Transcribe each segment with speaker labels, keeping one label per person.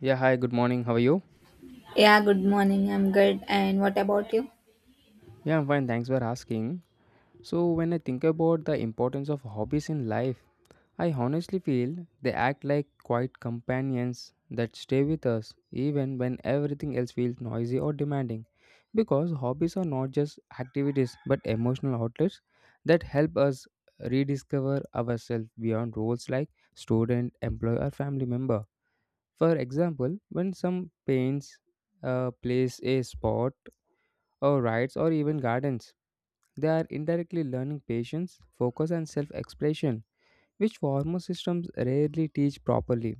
Speaker 1: Yeah, hi, good morning. How are you?
Speaker 2: Yeah, good morning. I'm good. And what about you?
Speaker 1: Yeah, I'm fine. Thanks for asking. So, when I think about the importance of hobbies in life, I honestly feel they act like quiet companions that stay with us even when everything else feels noisy or demanding. Because hobbies are not just activities but emotional outlets that help us rediscover ourselves beyond roles like student, employee, or family member. For example, when some paints plays a sport or rides or even gardens. They are indirectly learning patience, focus, and self expression, which formal systems rarely teach properly.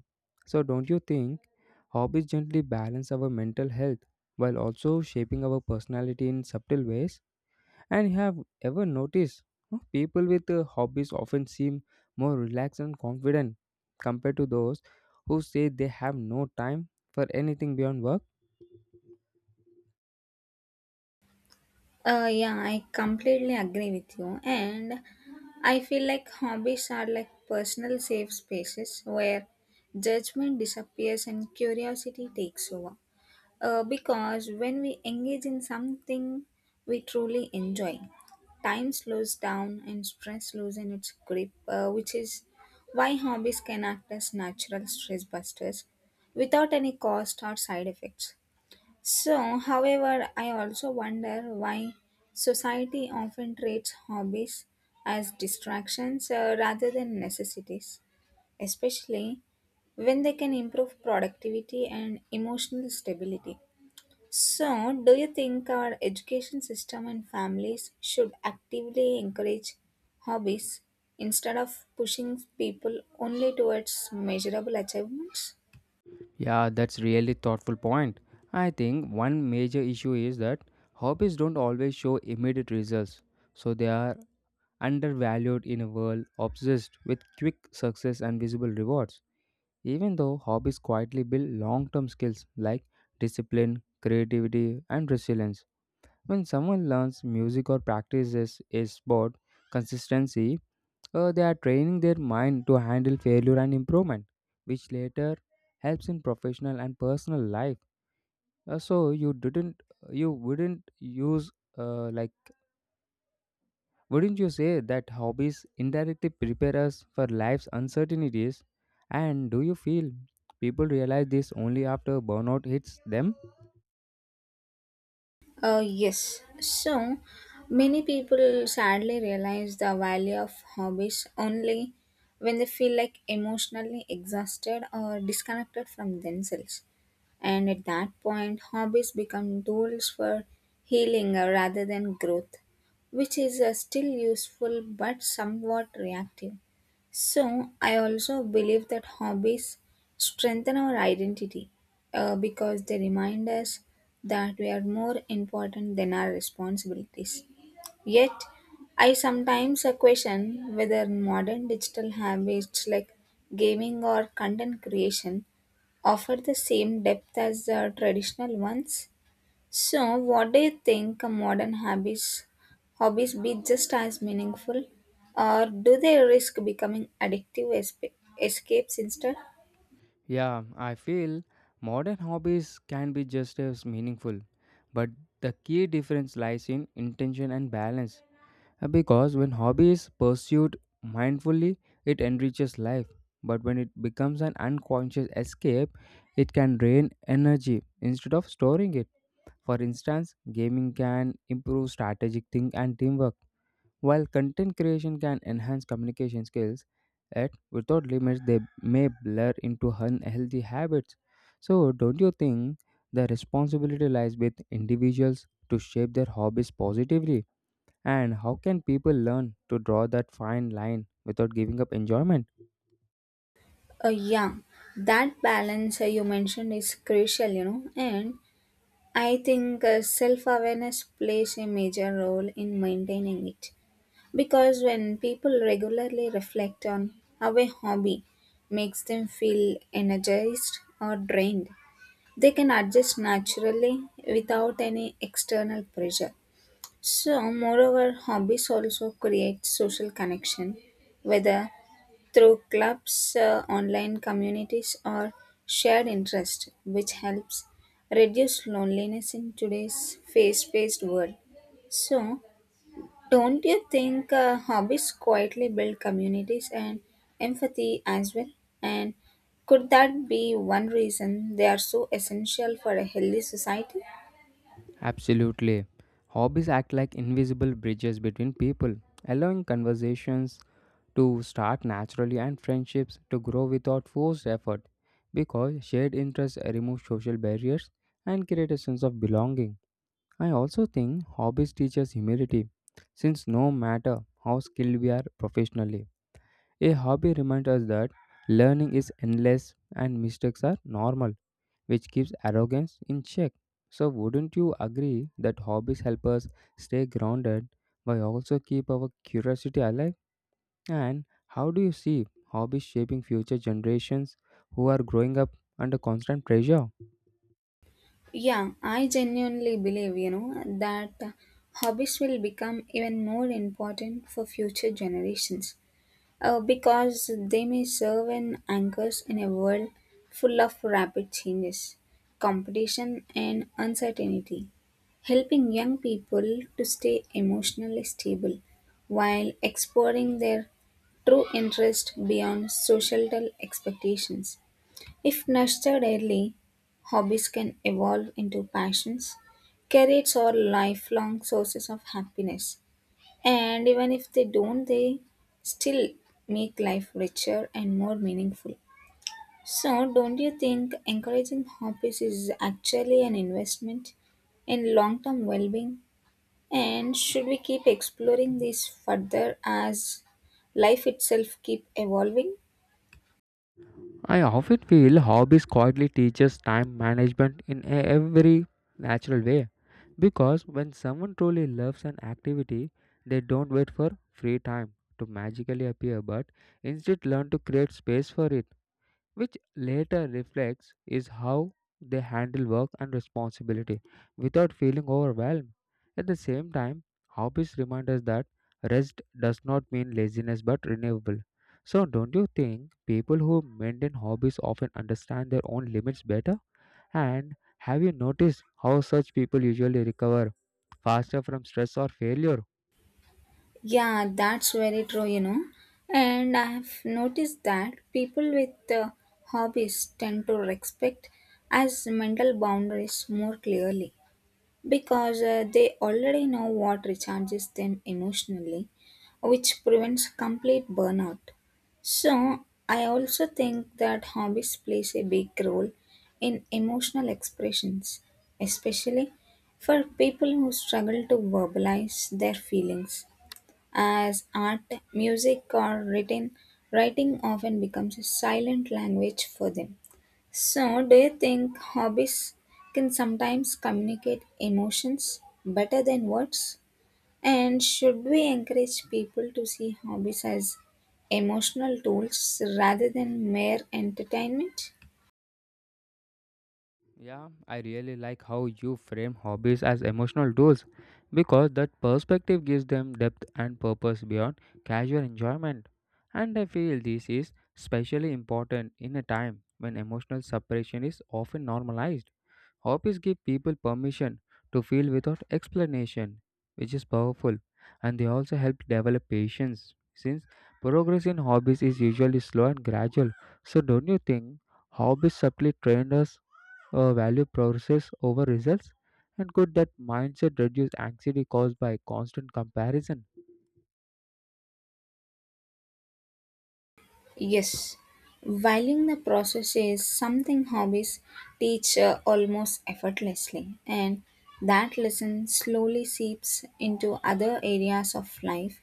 Speaker 1: So, don't you think hobbies gently balance our mental health while also shaping our personality in subtle ways? And you have ever noticed how people with hobbies often seem more relaxed and confident compared to those who say they have no time for anything beyond work?
Speaker 2: Yeah, I completely agree with you. And I feel like hobbies are like personal safe spaces where judgment disappears and curiosity takes over. Because when we engage in something we truly enjoy, time slows down and stress loses its grip, which is why hobbies can act as natural stress busters without any cost or side effects. So, however, I also wonder why society often treats hobbies as distractions rather than necessities, especially when they can improve productivity and emotional stability. So, do you think our education system and families should actively encourage hobbies instead of pushing people only towards measurable achievements?
Speaker 1: Yeah, that's really thoughtful point. I think one major issue is that hobbies don't always show immediate results, so they are undervalued in a world obsessed with quick success and visible rewards. Even though hobbies quietly build long-term skills like discipline, creativity, and resilience. When someone learns music or practices a sport, consistency they are training their mind to handle failure and improvement, which later helps in professional and personal life. So you didn't, you wouldn't use like, Wouldn't you say that hobbies indirectly prepare us for life's uncertainties? And do you feel people realize this only after burnout hits them?
Speaker 2: Yes. So many people sadly realize the value of hobbies only when they feel like emotionally exhausted or disconnected from themselves. And at that point, hobbies become tools for healing rather than growth, which is still useful but somewhat reactive. So, I also believe that hobbies strengthen our identity because they remind us that were more important than our responsibilities. Yet, I sometimes question whether modern digital habits like gaming or content creation offer the same depth as the traditional ones. So, what do you think modern habits, hobbies be just as meaningful, or do they risk becoming escapes instead?
Speaker 1: Yeah, I feel modern hobbies can be just as meaningful, but the key difference lies in intention and balance. Because when hobby is pursued mindfully, it enriches life. But when it becomes an unconscious escape, it can drain energy instead of storing it. For instance, gaming can improve strategic thinking and teamwork, while content creation can enhance communication skills. Yet, without limits, they may blur into unhealthy habits. So, don't you think the responsibility lies with individuals to shape their hobbies positively? And how can people learn to draw that fine line without giving up enjoyment?
Speaker 2: Yeah, that balance you mentioned is crucial, you know, and I think self awareness plays a major role in maintaining it because when people regularly reflect on how a hobby makes them feel energized or drained, they can adjust naturally without any external pressure. So, moreover, hobbies also create social connection, whether through clubs, online communities, or shared interest, which helps reduce loneliness in today's fast paced world. So, don't you think hobbies quietly build communities and empathy as well? And could that be one reason they are so essential for a healthy society?
Speaker 1: Absolutely. Hobbies act like invisible bridges between people, allowing conversations to start naturally and friendships to grow without forced effort. Because shared interests remove social barriers and create a sense of belonging. I also think hobbies teach us humility, since no matter how skilled we are professionally, a hobby reminds us that learning is endless and mistakes are normal, which keeps arrogance in check. So, wouldn't you agree that hobbies help us stay grounded but also keep our curiosity alive? And how do you see hobbies shaping future generations who are growing up under constant pressure?
Speaker 2: Yeah, I genuinely believe, you know, that hobbies will become even more important for future generations. Because they may serve as anchors in a world full of rapid changes, competition, and uncertainty, helping young people to stay emotionally stable while exploring their true interest beyond societal expectations. If nurtured early, hobbies can evolve into passions, careers, or lifelong sources of happiness and even if they don't, they still make life richer and more meaningful. So, don't you think encouraging hobbies is actually an investment in long term well being? And should we keep exploring this further as life itself keep evolving?
Speaker 1: I often feel hobbies quietly teaches time management in a every natural way because when someone truly loves an activity they don't wait for free time to magically appear but instead learn to create space for it, which later reflects is how they handle work and responsibility without feeling overwhelmed. At the same time, hobbies remind us that rest does not mean laziness but renewable. So, don't you think people who maintain hobbies often understand their own limits better? And have you noticed how such people usually recover faster from stress or failure?
Speaker 2: Yeah, that's very true, you know. And I have noticed that people with hobbies tend to respect as mental boundaries more clearly because they already know what recharges them emotionally, which prevents complete burnout. So, I also think that hobbies plays a big role in emotional expressions, especially for people who struggle to verbalize their feelings. As art, music, or writing often becomes a silent language for them. So, do you think hobbies can sometimes communicate emotions better than words? And should we encourage people to see hobbies as emotional tools rather than mere entertainment?
Speaker 1: Yeah, I really like how you frame hobbies as emotional tools because that perspective gives them depth and purpose beyond casual enjoyment. And I feel this is especially important in a time when emotional separation is often normalized. Hobbies give people permission to feel without explanation, which is powerful, and they also help develop patience since progress in hobbies is usually slow and gradual. So, don't you think hobbies subtly train us, value process over results, and could that mindset reduce anxiety caused by constant comparison?
Speaker 2: Yes, valuing the process is something hobbies teach almost effortlessly, and that lesson slowly seeps into other areas of life,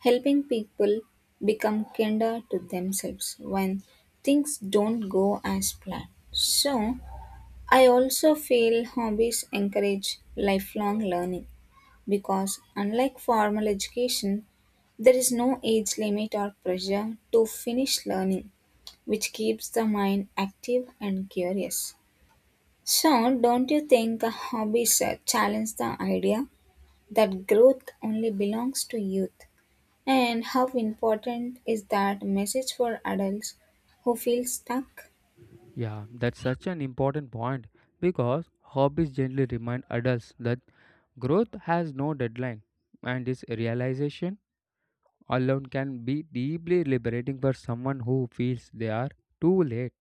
Speaker 2: helping people become kinder to themselves when things don't go as planned. So, I also feel hobbies encourage lifelong learning because, unlike formal education, there is no age limit or pressure to finish learning which keeps the mind active and curious. So, don't you think hobbies challenge the idea that growth only belongs to youth? And how important is that message for adults who feel stuck?
Speaker 1: Yeah, that's such an important point because hobbies generally remind adults that growth has no deadline, and this realization alone can be deeply liberating for someone who feels they are too late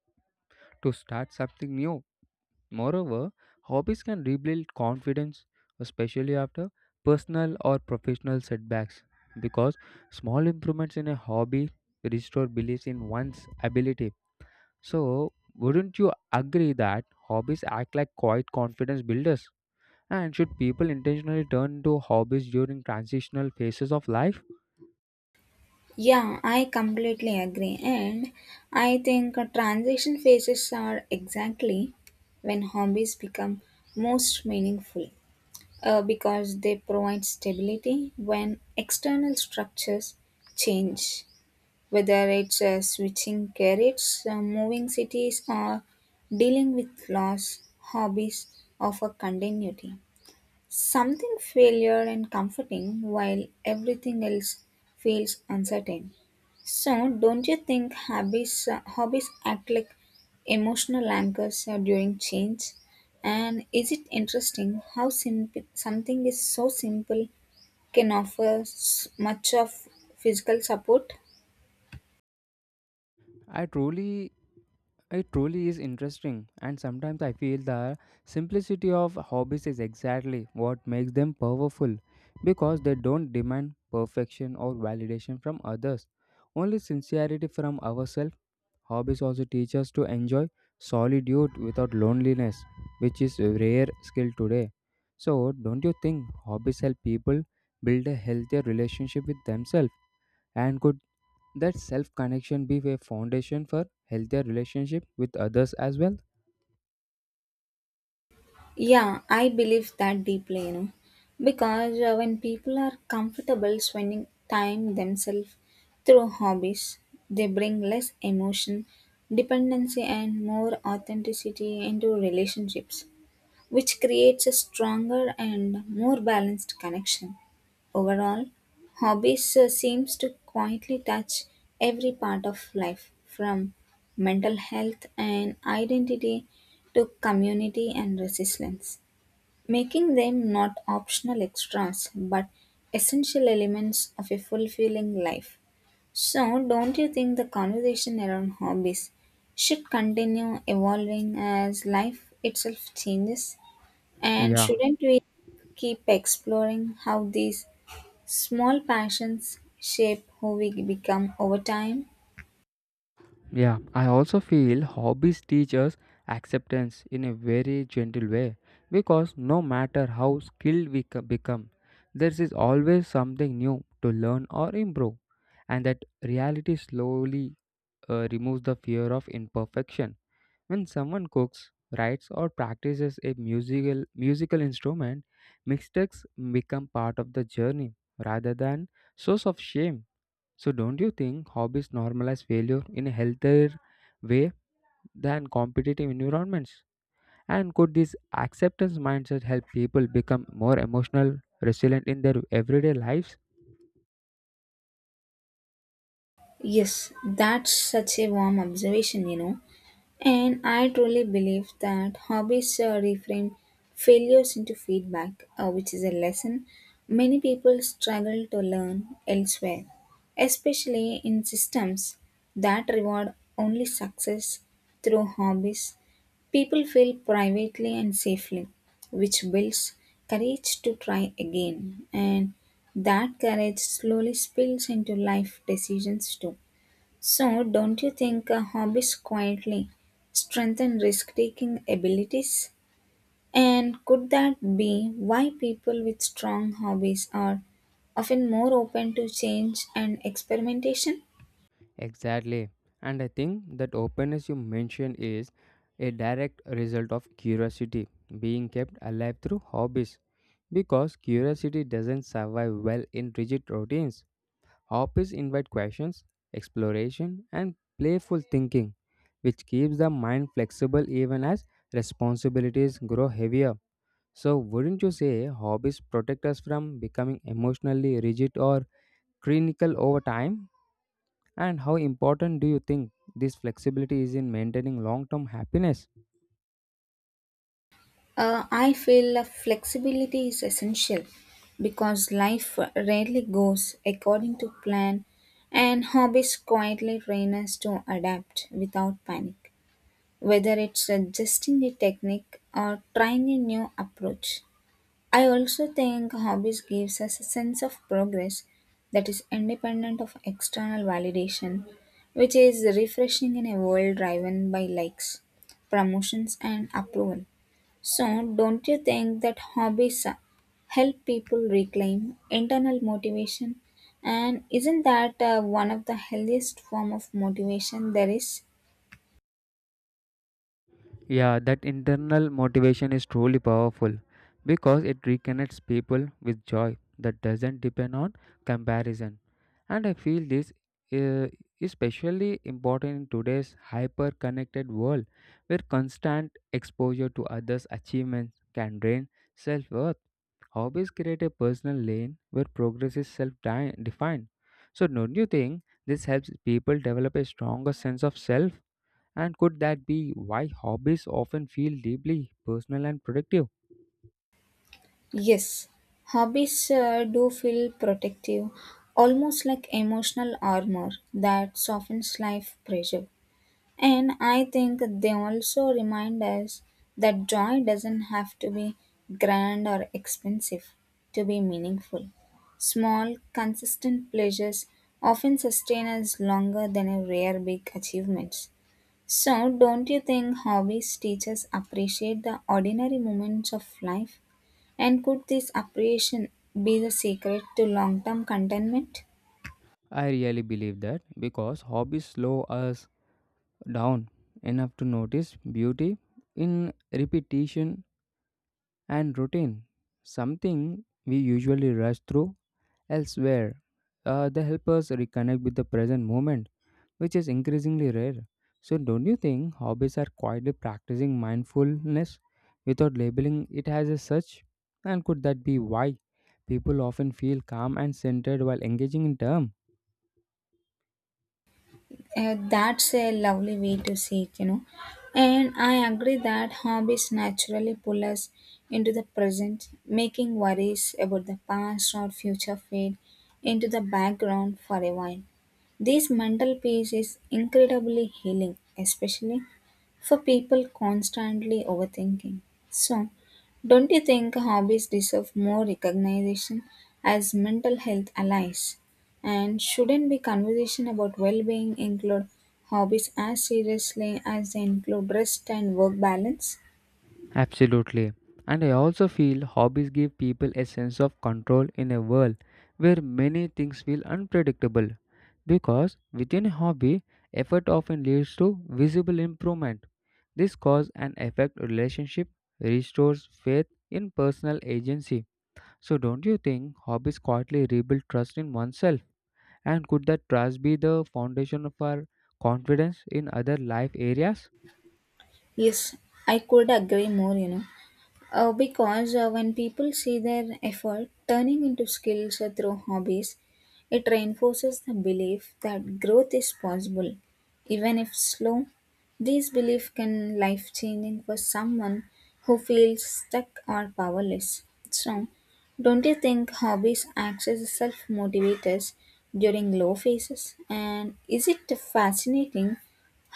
Speaker 1: to start something new. Moreover, hobbies can rebuild confidence, especially after personal or professional setbacks, because small improvements in a hobby restore belief in one's ability. So, wouldn't you agree that hobbies act like quiet confidence builders? And should people intentionally turn to hobbies during transitional phases of life?
Speaker 2: Yeah, I completely agree. And I think transition phases are exactly when hobbies become most meaningful. Because they provide stability when external structures change, whether it's switching careers, moving cities, or dealing with loss, hobbies offer continuity. Something familiar and comforting while everything else feels uncertain. So, don't you think hobbies act like emotional anchors during change? And is it interesting how simple something is so simple can offer much of physical support?
Speaker 1: I truly It truly is interesting, and sometimes I feel the simplicity of hobbies is exactly what makes them powerful because they don't demand perfection or validation from others, only sincerity from ourselves. Hobbies also teach us to enjoy solitude without loneliness, which is a rare skill today. So, don't you think hobbies help people build a healthier relationship with themselves, and could that self connection be a foundation for healthier relationship with others as well?
Speaker 2: Yeah, I believe that deeply, you know, because when people are comfortable spending time themselves through hobbies, they bring less emotion, dependency, and more authenticity into relationships which creates a stronger and more balanced connection. Overall, hobbies seems to quietly touch every part of life from mental health and identity to community and resilience, making them not optional extras but essential elements of a fulfilling life. So, don't you think the conversation around hobbies should continue evolving as life itself changes? And
Speaker 1: Yeah,
Speaker 2: shouldn't we keep exploring how these small passions shape who we become over time?
Speaker 1: yeah. I also feel hobbies teach us acceptance in a very gentle way because no matter how skilled we become, there is always something new to learn or improve, and that reality slowly removes the fear of imperfection. When someone cooks, writes, or practices a musical instrument, mistakes become part of the journey rather than source of shame. So, don't you think hobbies normalize failure in a healthier way than competitive environments? And could this acceptance mindset help people become more emotional resilient in their everyday lives?
Speaker 2: Yes, that's such a warm observation, you know. And I truly believe that hobbies reframe failures into feedback, which is a lesson many people struggle to learn elsewhere, especially in systems that reward only success through hobbies. People fail privately and safely, which builds courage to try again. And that courage slowly spills into life decisions too. So, don't you think hobbies quietly strengthen risk taking abilities? And could that be why people with strong hobbies are often more open to change and experimentation?
Speaker 1: Exactly. And I think that openness you mentioned is a direct result of curiosity being kept alive through hobbies. Because curiosity doesn't survive well in rigid routines. Hobbies invite questions, exploration, and playful thinking, which keeps the mind flexible even as responsibilities grow heavier. So, wouldn't you say hobbies protect us from becoming emotionally rigid or clinical over time? And how important do you think this flexibility is in maintaining long term happiness?
Speaker 2: I feel flexibility is essential because life rarely goes according to plan, and hobbies quietly train us to adapt without panic, whether it's adjusting a technique or trying a new approach. I also think hobbies gives us a sense of progress that is independent of external validation, which is refreshing in a world driven by likes, promotions, and approval. So, don't you think that hobbies help people reclaim internal motivation? And isn't that one of the healthiest form of motivation there is?
Speaker 1: Yeah, that internal motivation is truly powerful because it reconnects people with joy that doesn't depend on comparison. And I feel this is especially important in today's hyper connected world where constant exposure to others' achievements can drain self worth. Hobbies create a personal lane where progress is self defined. So, don't you think this helps people develop a stronger sense of self? And could that be why hobbies often feel deeply personal and productive?
Speaker 2: Yes, hobbies do feel protective, almost like emotional armor that softens life pressure. And I think they also remind us that joy doesn't have to be grand or expensive to be meaningful. Small, consistent pleasures often sustain us longer than a rare big achievements. So, don't you think hobbies teach us appreciate the ordinary moments of life? And could this appreciation be the secret to long-term contentment?
Speaker 1: I really believe that because hobbies slow us down enough to notice beauty in repetition and routine, something we usually rush through elsewhere. They help us reconnect with the present moment, which is increasingly rare. So, don't you think hobbies are quietly practicing mindfulness without labeling it as a such? And could that be why people often feel calm and centered while engaging in term?
Speaker 2: That's a lovely way to see it, you know. And I agree that hobbies naturally pull us into the present, making worries about the past or future fade into the background for a while. This mental peace is incredibly healing, especially for people constantly overthinking. So, don't you think hobbies deserve more recognition as mental health allies? And shouldn't be conversation about well-being include hobbies as seriously as they include rest and work balance?
Speaker 1: Absolutely. And I also feel hobbies give people a sense of control in a world where many things feel unpredictable. Because within a hobby, effort often leads to visible improvement. This cause and effect relationship restores faith in personal agency. So, don't you think hobbies quietly rebuild trust in oneself? And could that trust be the foundation of our confidence in other life areas?
Speaker 2: Yes, I could agree more, you know. Because when people see their effort turning into skills through hobbies, it reinforces the belief that growth is possible. Even if slow, this belief can life changing for someone who feels stuck or powerless. So, don't you think hobbies act as self motivators during low phases? And is it fascinating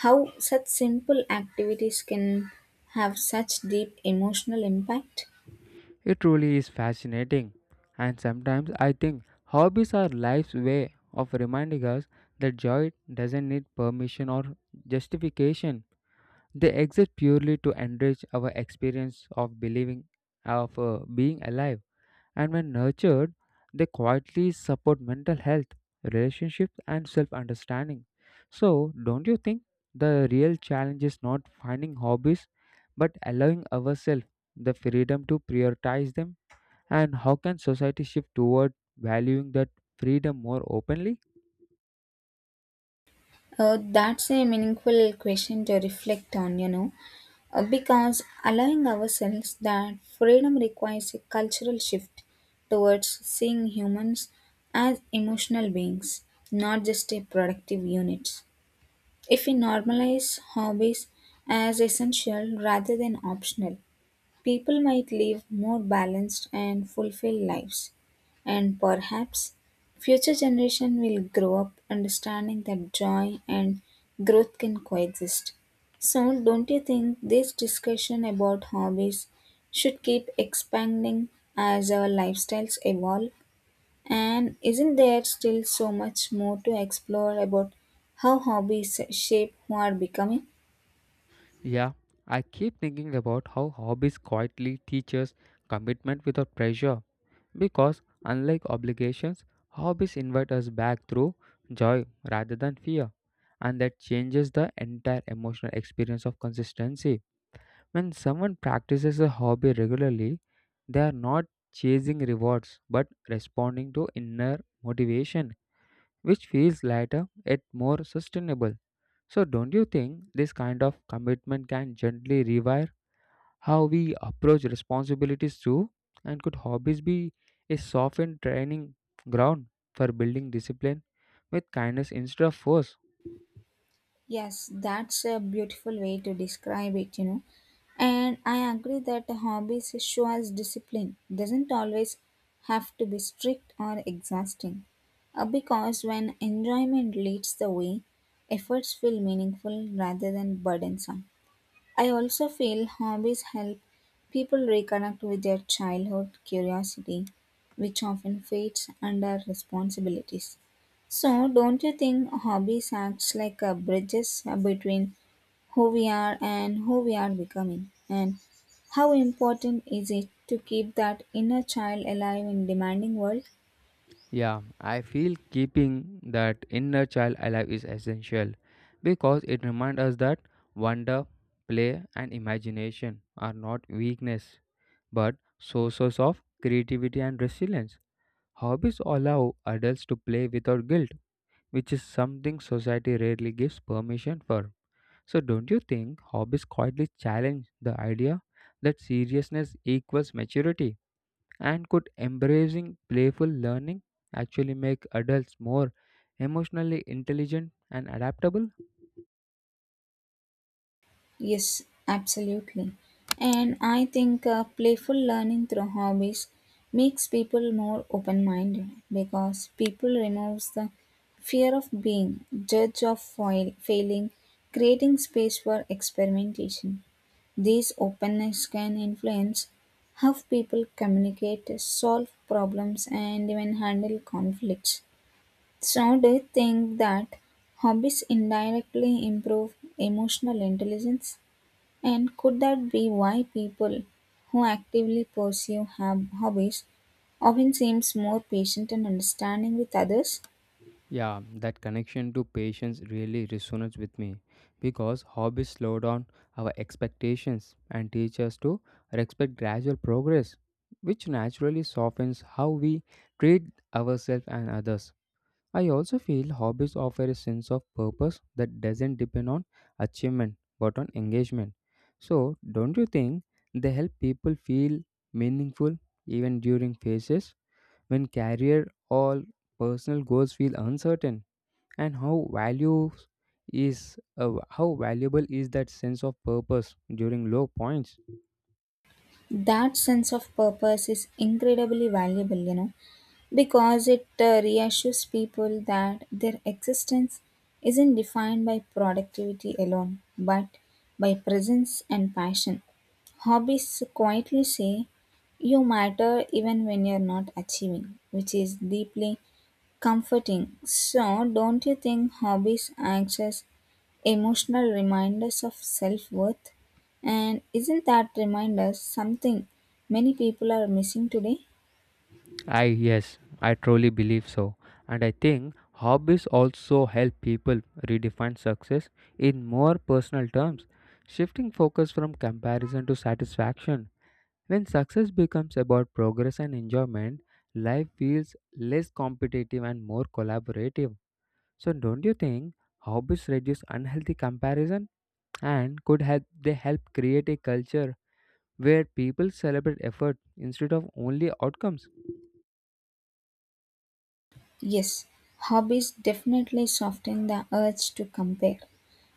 Speaker 2: how such simple activities can have such deep emotional impact?
Speaker 1: It truly is fascinating. And sometimes I think hobbies are life's way of reminding us that joy doesn't need permission or justification. They exist purely to enrich our experience of believing, of being alive. And when nurtured, they quietly support mental health, relationships, and self understanding. So, don't you think the real challenge is not finding hobbies but allowing ourselves the freedom to prioritize them? And how can society shift toward valuing that freedom more openly?
Speaker 2: That's a meaningful question to reflect on, you know, because allowing ourselves that freedom requires a cultural shift towards seeing humans as emotional beings, not just a productive units. If we normalize hobbies as essential rather than optional, people might live more balanced and fulfilled lives, and perhaps future generation will grow up understanding that joy and growth can coexist. So, don't you think this discussion about hobbies should keep expanding as our lifestyles evolve? And isn't there still so much more to explore about how hobbies shape who are becoming?
Speaker 1: Yeah, I keep thinking about how hobbies quietly teach us commitment without pressure. Because, unlike obligations, hobbies invite us back through joy rather than fear, and that changes the entire emotional experience of consistency. When someone practices a hobby regularly, they are not chasing rewards but responding to inner motivation, which feels lighter yet more sustainable. So, don't you think this kind of commitment can gently rewire how we approach responsibilities too, and could hobbies be a soft and training ground for building discipline with kindness instead of force?
Speaker 2: Yes, that's a beautiful way to describe it, you know. And I agree that hobbies show us discipline. Doesn't always have to be strict or exhausting. Because when enjoyment leads the way, efforts feel meaningful rather than burdensome. I also feel hobbies help people reconnect with their childhood curiosity, which often fades under responsibilities. So, don't you think hobbies acts like a bridges between who we are and who we are becoming? And how important is it to keep that inner child alive in demanding world?
Speaker 1: Yeah, I feel keeping that inner child alive is essential because it reminds us that wonder, play, and imagination are not weakness but sources of creativity and resilience. Hobbies allow adults to play without guilt, which is something society rarely gives permission for. So, don't you think hobbies quietly challenge the idea that seriousness equals maturity? And could embracing playful learning actually make adults more emotionally intelligent and adaptable?
Speaker 2: Yes, absolutely. And I think playful learning through hobbies makes people more open-minded because people removes the fear of being failing, creating space for experimentation. This openness can influence how people communicate, solve problems, and even handle conflicts. So, do you think that hobbies indirectly improve emotional intelligence? And could that be why people who actively pursue hobbies often seems more patient and understanding with others?
Speaker 1: Yeah, that connection to patience really resonates with me because hobbies slow down our expectations and teach us to respect gradual progress, which naturally softens how we treat ourselves and others. I also feel hobbies offer a sense of purpose that doesn't depend on achievement but on engagement. So, don't you think they help people feel meaningful even during phases when career or personal goals feel uncertain? And how valuable is that sense of purpose during low points?
Speaker 2: That sense of purpose is incredibly valuable, you know, because it reassures people that their existence isn't defined by productivity alone, but by presence and passion. Hobbies quietly say you matter even when you're not achieving, which is deeply comforting, so don't you think hobbies act as emotional reminders of self worth? And isn't that reminder something many people are missing today?
Speaker 1: I yes, I truly believe so. And I think hobbies also help people redefine success in more personal terms, shifting focus from comparison to satisfaction. When success becomes about progress and enjoyment, life feels less competitive and more collaborative. So don't you think hobbies reduce unhealthy comparison, and could help they help create a culture where people celebrate effort instead of only outcomes?
Speaker 2: Yes, hobbies definitely soften the urge to compare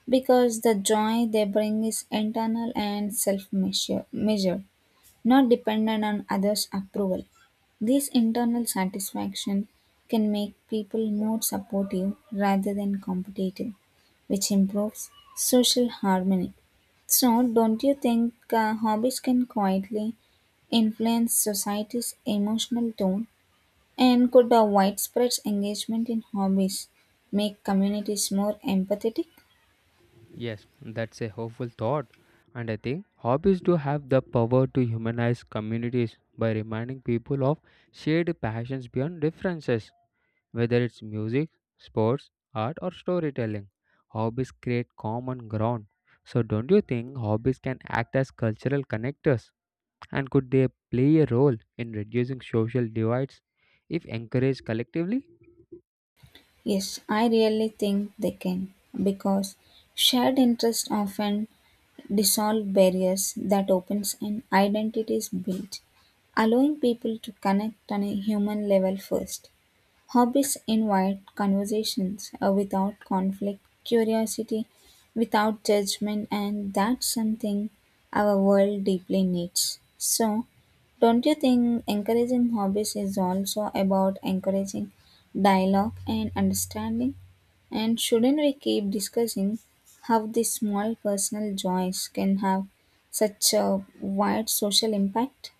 Speaker 2: because the joy they bring is internal and self measure measured, not dependent on others' approval. This internal satisfaction can make people more supportive rather than competitive, which improves social harmony. So, don't you think hobbies can quietly influence society's emotional tone? And could a widespread engagement in hobbies make communities more empathetic?
Speaker 1: Yes, that's a hopeful thought. And I think hobbies do have the power to humanize communities by reminding people of shared passions beyond differences, whether it's music, sports, art, or storytelling. Hobbies create common ground. So, don't you think hobbies can act as cultural connectors? And could they play a role in reducing social divides if encouraged collectively?
Speaker 2: Yes, I really think they can because shared interests often dissolve barriers that opens and identities built, allowing people to connect on a human level first. Hobbies invite conversations without conflict, curiosity without judgment, and that's something our world deeply needs. So, don't you think encouraging hobbies is also about encouraging dialogue and understanding? And shouldn't we keep discussing how these small personal joys can have such a wide social impact?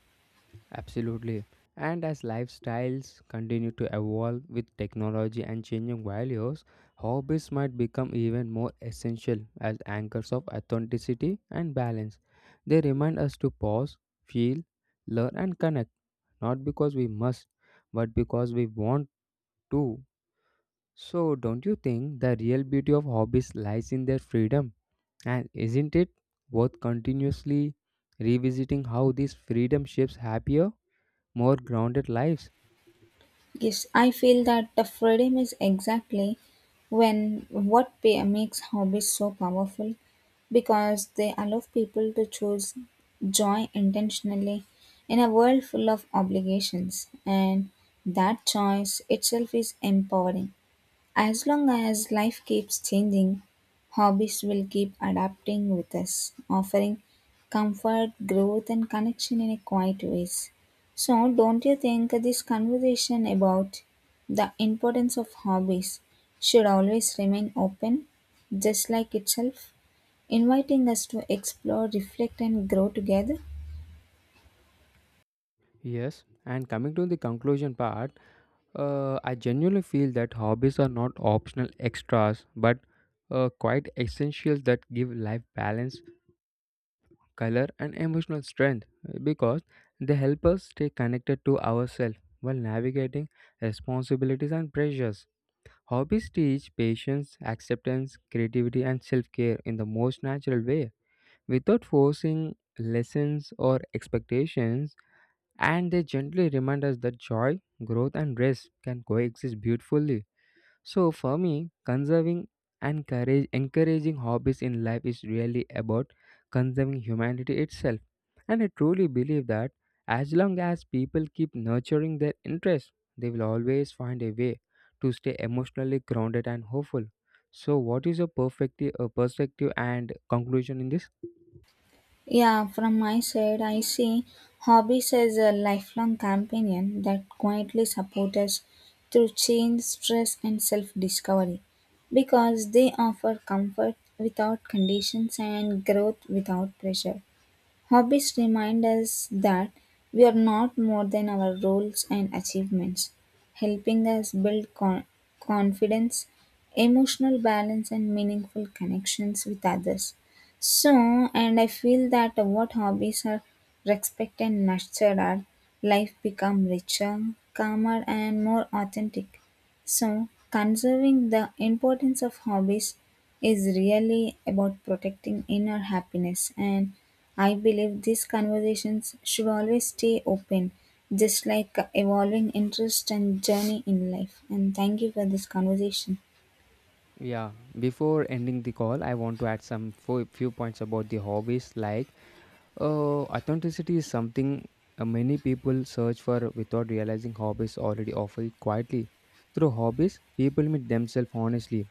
Speaker 1: Absolutely. And as lifestyles continue to evolve with technology and changing values, hobbies might become even more essential as anchors of authenticity and balance. They remind us to pause, feel, learn, and connect, not because we must, but because we want to. So, don't you think the real beauty of hobbies lies in their freedom? And isn't it worth continuously revisiting how this freedom shapes happier, more grounded lives?
Speaker 2: Yes, I feel that the freedom is exactly when what pa- makes hobbies so powerful because they allow people to choose joy intentionally in a world full of obligations and that choice itself is empowering. As long as life keeps changing, hobbies will keep adapting with us, offering comfort, growth, and connection in a quiet ways. So, don't you think this conversation about the importance of hobbies should always remain open, just like itself, inviting us to explore, reflect, and grow together?
Speaker 1: Yes, and coming to the conclusion part, I genuinely feel that hobbies are not optional extras but quite essentials that give life balance, color, and emotional strength because they help us stay connected to ourselves while navigating responsibilities and pressures. Hobbies teach patience, acceptance, creativity, and self care in the most natural way without forcing lessons or expectations, and they gently remind us that joy, growth, and rest can coexist beautifully. So, for me, encouraging hobbies in life is really about conserving humanity itself. And I truly believe that as long as people keep nurturing their interests, they will always find a way to stay emotionally grounded and hopeful. So, what is your perfect perspective and conclusion in this?
Speaker 2: Yeah, from my side, I see hobbies as a lifelong companion that quietly support us through change, stress, and self discovery because they offer comfort without conditions and growth without pressure. Hobbies remind us that we are not more than our roles and achievements, helping us build confidence, emotional balance, and meaningful connections with others. So, and I feel that what hobbies are respected and nurtured our life become richer, calmer, and more authentic. So, conserving the importance of hobbies is really about protecting inner happiness. And I believe these conversations should always stay open, just like evolving interest and journey in life. And thank you for this conversation.
Speaker 1: Yeah, before ending the call, I want to add some few points about the hobbies. Like, authenticity is something many people search for without realizing hobbies already offer it quietly. Through hobbies, people meet themselves honestly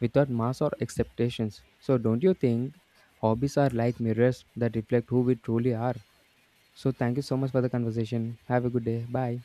Speaker 1: without masks or expectations. So, don't you think hobbies are like mirrors that reflect who we truly are? So, thank you so much for the conversation. Have a good day. Bye.